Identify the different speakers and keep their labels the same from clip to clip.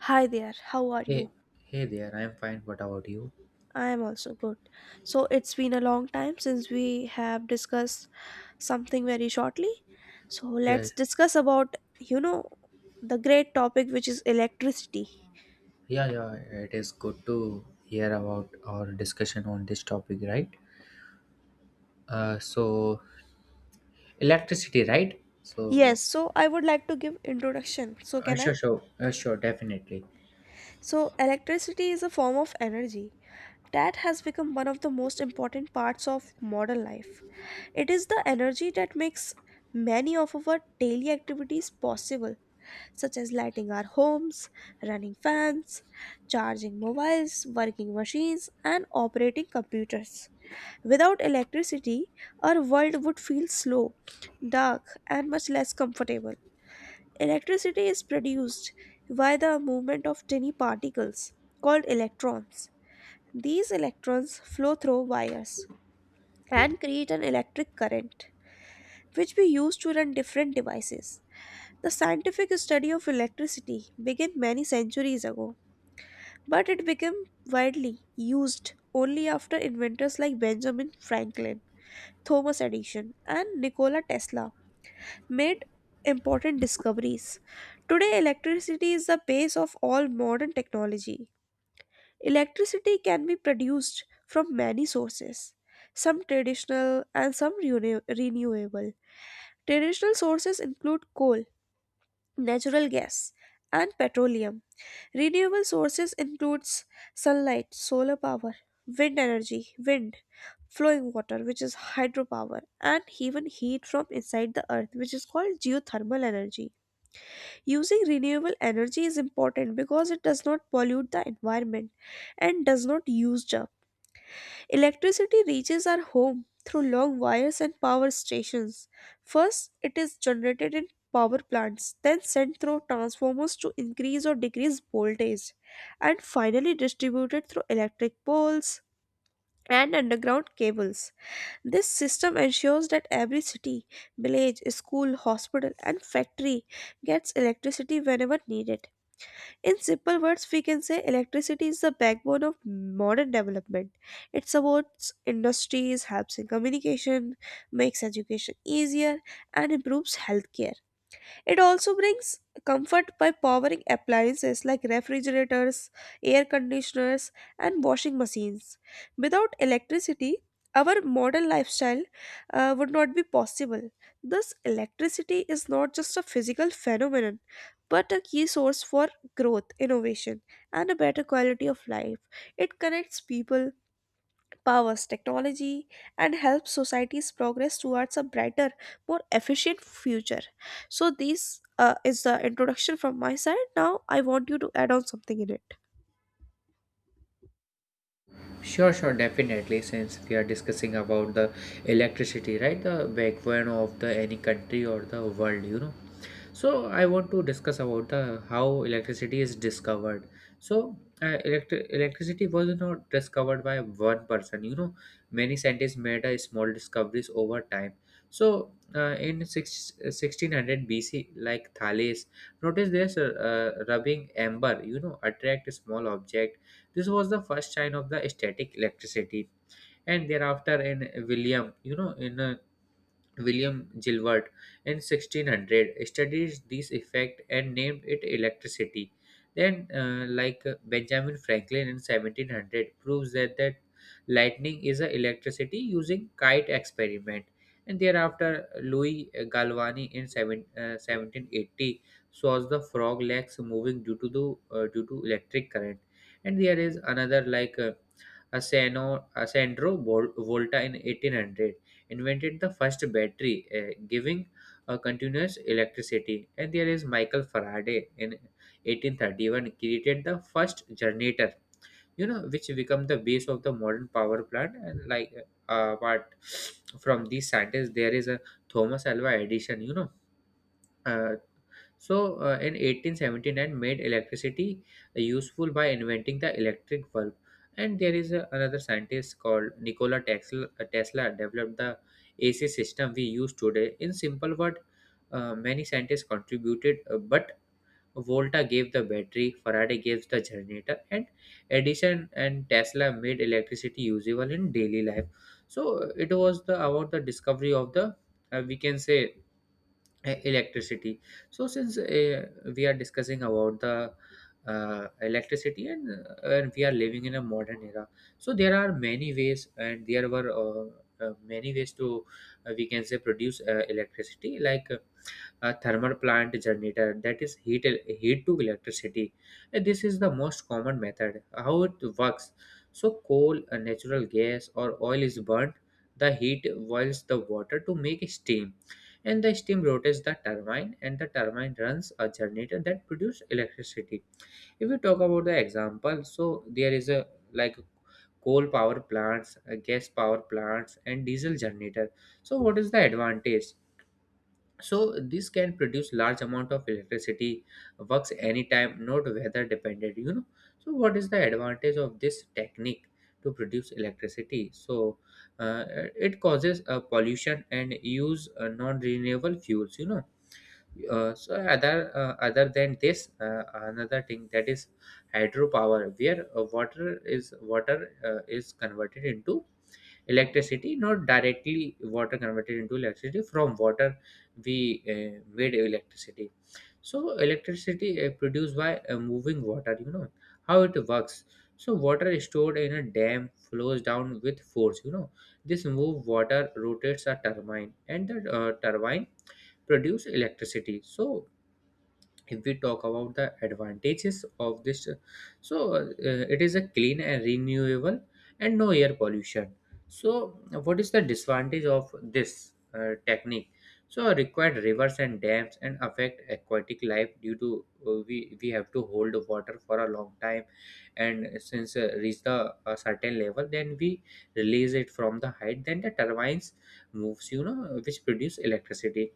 Speaker 1: Hi there, how are
Speaker 2: Hey,
Speaker 1: you?
Speaker 2: hey there. I'm fine. What about you?
Speaker 1: I am also good. So, it's been a long time since we have discussed something very shortly. So,
Speaker 2: Yeah,
Speaker 1: let's discuss about, you know, the great topic which is electricity.
Speaker 2: yeah, yeah. It is good to hear about our discussion on this topic, right? So electricity, right?
Speaker 1: Yes,
Speaker 2: So,
Speaker 1: so I would like to give introduction. So, can I?
Speaker 2: sure, definitely.
Speaker 1: So, electricity is a form of energy that has become one of the most important parts of modern life. It is the energy that makes many of our daily activities possible such as lighting our homes, running fans, charging mobiles, working machines, and operating computers. Without electricity, our world would feel slow, dark, and much less comfortable. Electricity is produced by the movement of tiny particles called electrons. These electrons flow through wires and create an electric current which we use to run different devices. The scientific study of electricity began many centuries ago, but it became widely used only after inventors like Benjamin Franklin, Thomas Edison, and Nikola Tesla made important discoveries. Today, electricity is the base of all modern technology. Electricity can be produced from many sources, some traditional and some renewable. Traditional sources include coal, natural gas, and petroleum. Renewable sources includes sunlight, solar power, wind energy, wind, flowing water which is hydropower and even heat from inside the earth which is called geothermal energy. Using renewable energy is important because it does not pollute the environment and does not use up. Electricity reaches our home through long wires and power stations. First, it is generated in power plants, then sent through transformers to increase or decrease voltage, and finally distributed through electric poles and underground cables. This system ensures that every city, village, school, hospital, and factory gets electricity whenever needed. In simple words, we can say electricity is the backbone of modern development. It supports industries, helps in communication, makes education easier, and improves healthcare. It also brings comfort by powering appliances like refrigerators, air conditioners, and washing machines. Without electricity, our modern lifestyle would not be possible. Thus, electricity is not just a physical phenomenon, but a key source for growth, innovation, and a better quality of life. It connects people, powers technology and helps societies progress towards a brighter more efficient future. So this is the introduction from my side. Now I want you to add on something in it.
Speaker 2: Sure, sure, definitely. Since we are discussing about the electricity, right? The backbone of the any country or the world, you know. So I want to discuss about the how electricity is discovered. So electricity was not discovered by one person. You know, many scientists made a small discoveries over time. So in 1600 BC, like Thales, notice this rubbing amber. You know, attract a small object. This was the first sign of the static electricity. And thereafter, in William, you know, in William Gilbert in 1600 studied this effect and named it electricity. Then, Benjamin Franklin in 1700, proves that lightning is a electricity using kite experiment. And thereafter, Louis Galvani in 1780 shows the frog legs moving due to electric current. And there is another like Asandro Volta in 1800 invented the first battery, giving continuous electricity. And there is Michael Faraday in 1831 created the first generator, you know, which become the base of the modern power plant. And apart from these scientists, there is a Thomas Alva Edison, you know. Uh, in 1879, made electricity useful by inventing the electric bulb. And there is a, another scientist called Tesla developed the AC system we use today. In simple word, many scientists contributed, but Volta gave the battery, Faraday gave the generator, and Edison and Tesla made electricity usable in daily life. So, it was the about the discovery of the we can say electricity. So since we are discussing about the electricity, and we are living in a modern era, so there are many ways, and there were many ways to, we can say, produce electricity, like a thermal plant generator, that is heat to electricity. This is the most common method. How it works: so coal, natural gas or oil is burnt, the heat boils the water to make steam, and the steam rotates the turbine, and the turbine runs a generator that produces electricity. If we talk about the example, so there is a, like, coal power plants, gas power plants, and diesel generator. So what is the advantage? So this can produce large amount of electricity, works anytime, not weather dependent, you know. So what is the advantage of this technique to produce electricity? So uh, it causes pollution and use non renewable fuels, you know. So other than this, another thing that is hydropower, where water is converted into electricity. Not directly water converted into electricity; from water we, made electricity. So electricity produced by moving water, you know. How it works: so water is stored in a dam, flows down with force, you know. This move water rotates a turbine, and the turbine produce electricity. So if we talk about the advantages of this, it is a clean and renewable, and no air pollution. So what is the disadvantage of this technique? So required rivers and dams, and affect aquatic life due to, we have to hold water for a long time, and since reach the a certain level, then we release it from the height, then the turbines moves, you know, which produce electricity.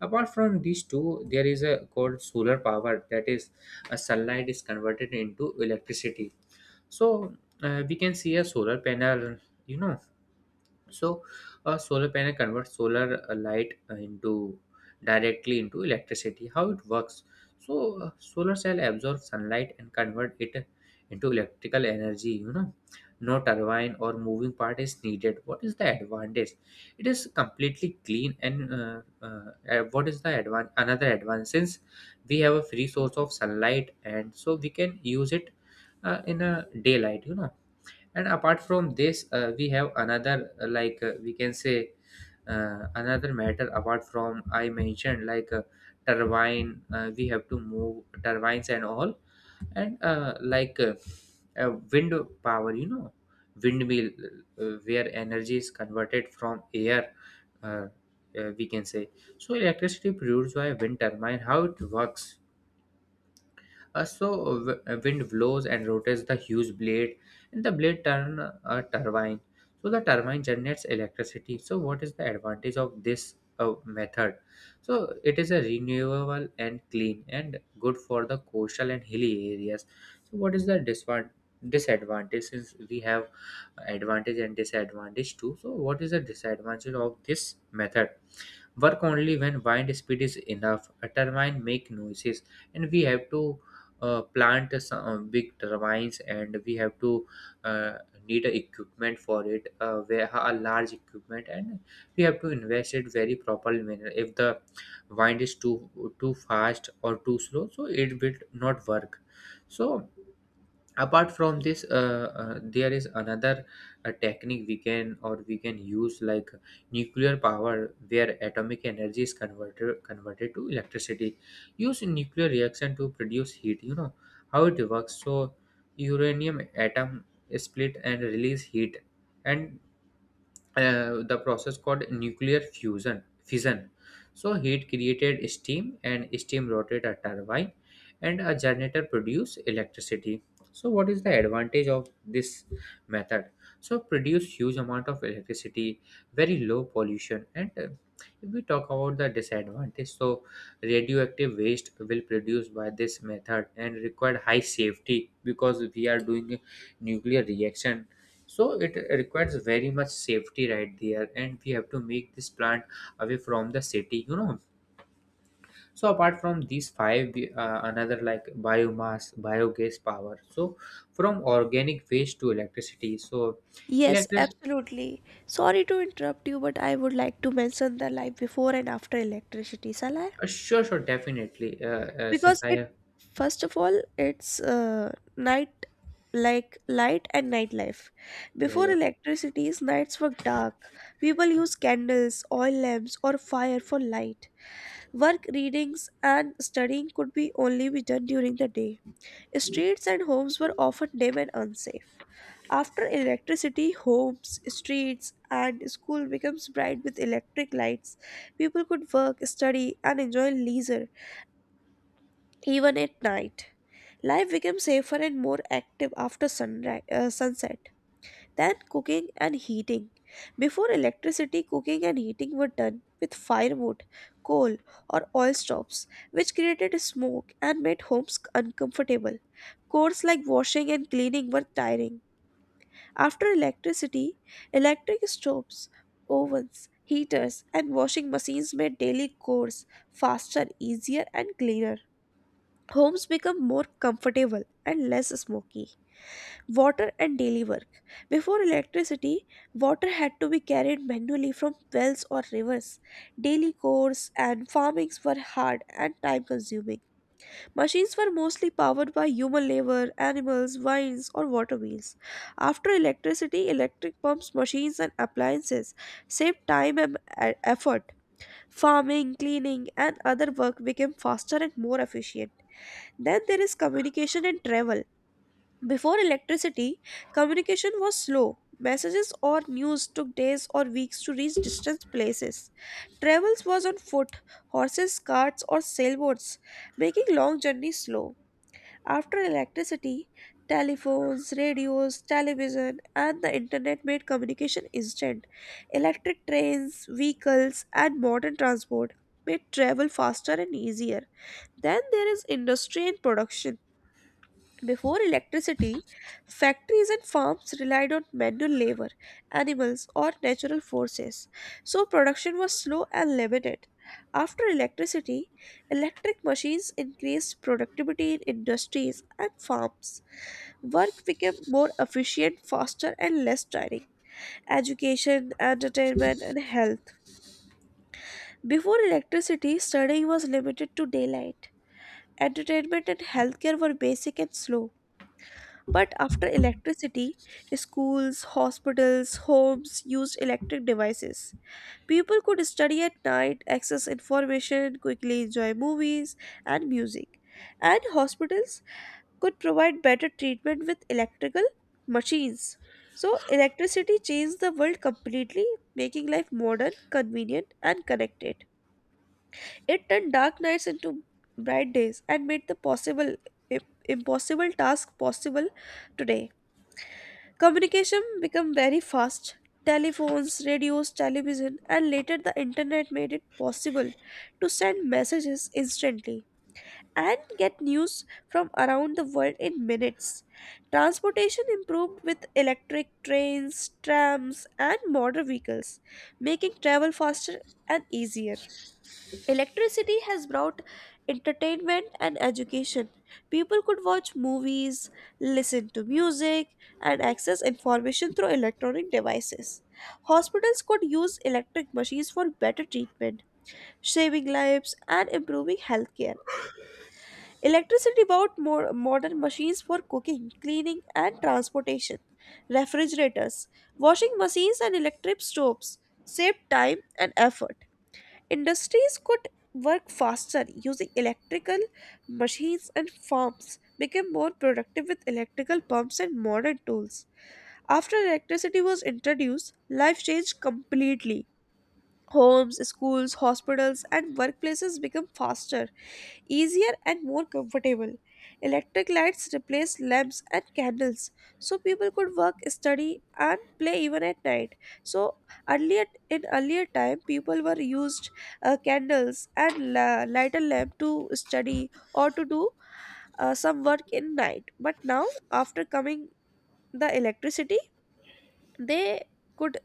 Speaker 2: Apart from these two, there is a called solar power, that is a sunlight is converted into electricity. So, we can see a solar panel, you know, so, a solar panel converts solar light into, directly into, electricity. How it works? So, solar cell absorbs sunlight and convert it into electrical energy. You know, no turbine or moving part is needed. What is the advantage? It is completely clean and what is the advan another advantage, since we have a free source of sunlight, and so we can use it in a daylight. You know, and apart from this, we have another, we can say, another matter apart from I mentioned, like turbine, we have to move turbines and all, and wind power, you know, windmill, where energy is converted from air, uh, we can say. So electricity produced by wind turbine. How it works? Wind blows and rotates the huge blade, and the blade turn a turbine. So the turbine generates electricity. So what is the advantage of this method? So it is a renewable and clean and good for the coastal and hilly areas. So what is the disadvantage? Since we have advantage and disadvantage too. So what is the disadvantage of this method? Work only when wind speed is enough. A turbine make noises, and we have to plant some big turbines, and we have to, uh, need a equipment for it, where a large equipment, and we have to invest it very properly manner. If the wind is too fast or too slow, so it will not work. So apart from this, there is another technique we can, or we can use, like nuclear power, where atomic energy is converted to electricity, use nuclear reaction to produce heat, you know. How it works? So uranium atom split and release heat, and the process called nuclear fusion fission. So heat created steam and steam rotated a turbine, and a generator produced electricity. So what is the advantage of this method? So produce huge amount of electricity, very low pollution, and if we talk about the disadvantage, so radioactive waste will produce by this method, and require high safety, because we are doing a nuclear reaction, so it requires very much safety right there, and we have to make this plant away from the city, you know. So apart from these five, another like biomass biogas power, so from organic waste to electricity. So
Speaker 1: Yes,
Speaker 2: electric
Speaker 1: absolutely. Sorry to interrupt you, but I would like to mention the life before and after electricity, shall I?
Speaker 2: sure, sure, definitely. uh, uh, since
Speaker 1: Because
Speaker 2: i
Speaker 1: it,
Speaker 2: have
Speaker 1: first of all, it's night, like light and nightlife.
Speaker 2: yeah,
Speaker 1: Before
Speaker 2: yeah,
Speaker 1: electricity's nights were dark. People used candles, oil lamps, or fire for light. Work, readings, and studying could be only be done during the day. Streets and homes were often dim and unsafe. After electricity, homes, streets, and school becomes bright with electric lights. People could work, study, and enjoy leisure even at night. Life becomes safer and more active after sunset. Then cooking and heating. Before electricity, cooking and heating were done with firewood, coal, or oil stoves, which created smoke and made homes uncomfortable. Chores like washing and cleaning were tiring. After electricity, electric stoves, ovens, heaters, and washing machines made daily chores faster, easier, and cleaner. Homes become more comfortable and less smoky. Water and daily work. Before electricity, water had to be carried manually from wells or rivers. Daily chores and farmings were hard and time consuming. Machines were mostly powered by human labor, animals, vines, or water wheels. After electricity, electric pumps, machines, and appliances saved time and effort. Farming, cleaning, and other work became faster and more efficient. Then there is communication and travel. Before electricity, communication was slow. Messages or news took days or weeks to reach distant places. Travels was on foot, horses, carts, or sailboats, making long journeys slow. After electricity, telephones, radios, television, and the internet made communication instant. Electric trains, vehicles, and modern transport made travel faster and easier. Then there is industry and production. Before electricity, factories and farms relied on manual labor, animals, or natural forces, so production was slow and limited. After electricity, electric machines increased productivity in industries and farms. Work became more efficient, faster, and less tiring. Education, entertainment, and health. Before electricity, studying was limited to daylight. Entertainment and healthcare were basic and slow. But after electricity, schools, hospitals, homes used electric devices. People could study at night, access information, quickly enjoy movies and music. And hospitals could provide better treatment with electrical machines. So, electricity changed the world completely, making life modern, convenient, and connected. It turned dark nights into bright days and made the possible impossible task possible today. Communication became very fast. Telephones, radios, television, and later the internet made it possible to send messages instantly and get news from around the world in minutes. Transportation improved with electric trains, trams, and motor vehicles, making travel faster and easier. Electricity has brought entertainment and education. People could watch movies, listen to music, and access information through electronic devices. Hospitals could use electric machines for better treatment, saving lives, and improving healthcare. Electricity brought more modern machines for cooking, cleaning, and transportation. Refrigerators, washing machines, and electric stoves saved time and effort. Industries could work faster using electrical machines, and farms became more productive with electrical pumps and modern tools. After electricity was introduced, life changed completely. Homes, schools, hospitals, and workplaces become faster, easier, and more comfortable. Electric lights replaced lamps and candles, so people could work, study, and play even at night. So earlier, in earlier time, people were used candles and lighter lamp to study or to do some work in night. But now, after coming the electricity, they could,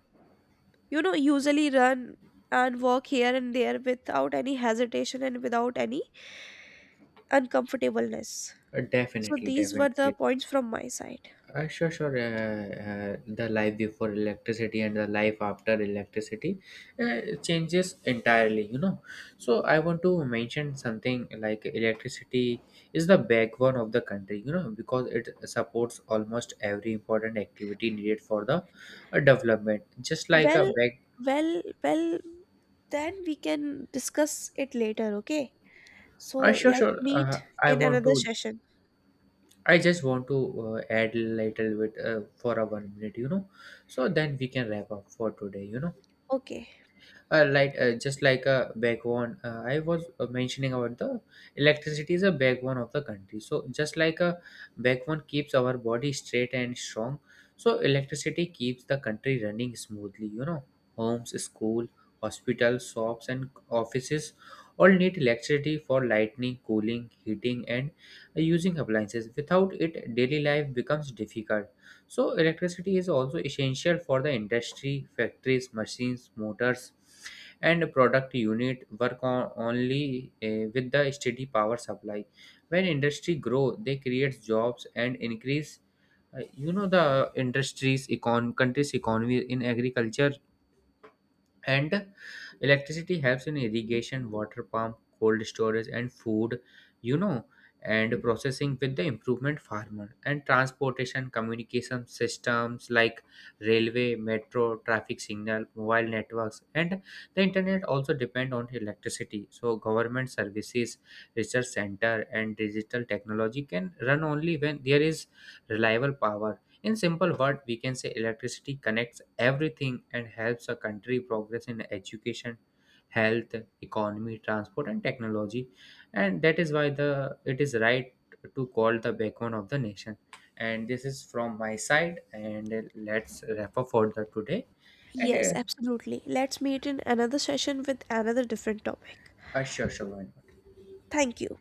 Speaker 1: you know, usually run and walk here and there without any hesitation and without any uncomfortableness. So
Speaker 2: definitely,
Speaker 1: these were the
Speaker 2: definitely.
Speaker 1: points from my side.
Speaker 2: Sure, sure. The life before electricity and the life after electricity changes entirely, you know. So, I want to mention something like electricity is the backbone of the country, you know, because it supports almost every important activity needed for the development. Just like a
Speaker 1: Well.
Speaker 2: back.
Speaker 1: Well, then we can discuss it later. Okay, so
Speaker 2: Sure,
Speaker 1: let's
Speaker 2: sure.
Speaker 1: meet
Speaker 2: I
Speaker 1: in
Speaker 2: want
Speaker 1: another
Speaker 2: to.
Speaker 1: session.
Speaker 2: I just want to add little bit for a 1 minute, you know, so then we can wrap up for today, you know.
Speaker 1: Okay.
Speaker 2: Just like a backbone, I was mentioning about the electricity is a backbone of the country. So just like a backbone keeps our body straight and strong, so electricity keeps the country running smoothly, you know. Homes, school, hospitals, shops, and offices all need electricity for lighting, cooling, heating, and using appliances. Without it, daily life becomes difficult. So electricity is also essential for the industry, factories, machines, motors, and product unit work on only with the steady power supply. When industry grow, they create jobs and increase. You know, the industries, econ country's economy, in agriculture, and electricity helps in irrigation, water pump, cold storage, and food, you know, and processing, with the improvement farmer, and transportation, communication systems like railway, metro, traffic signal, mobile networks, and the internet, also depend on electricity. So government services, research center, and digital technology can run only when there is reliable power. In simple word, we can say electricity connects everything and helps a country progress in education, health, economy, transport, and technology. And that is why the it is right to call the backbone of the nation. And this is from my side. And let's refer further today.
Speaker 1: Yes,
Speaker 2: And
Speaker 1: absolutely, let's meet in another session with another different topic.
Speaker 2: sure, sure.
Speaker 1: Thank you.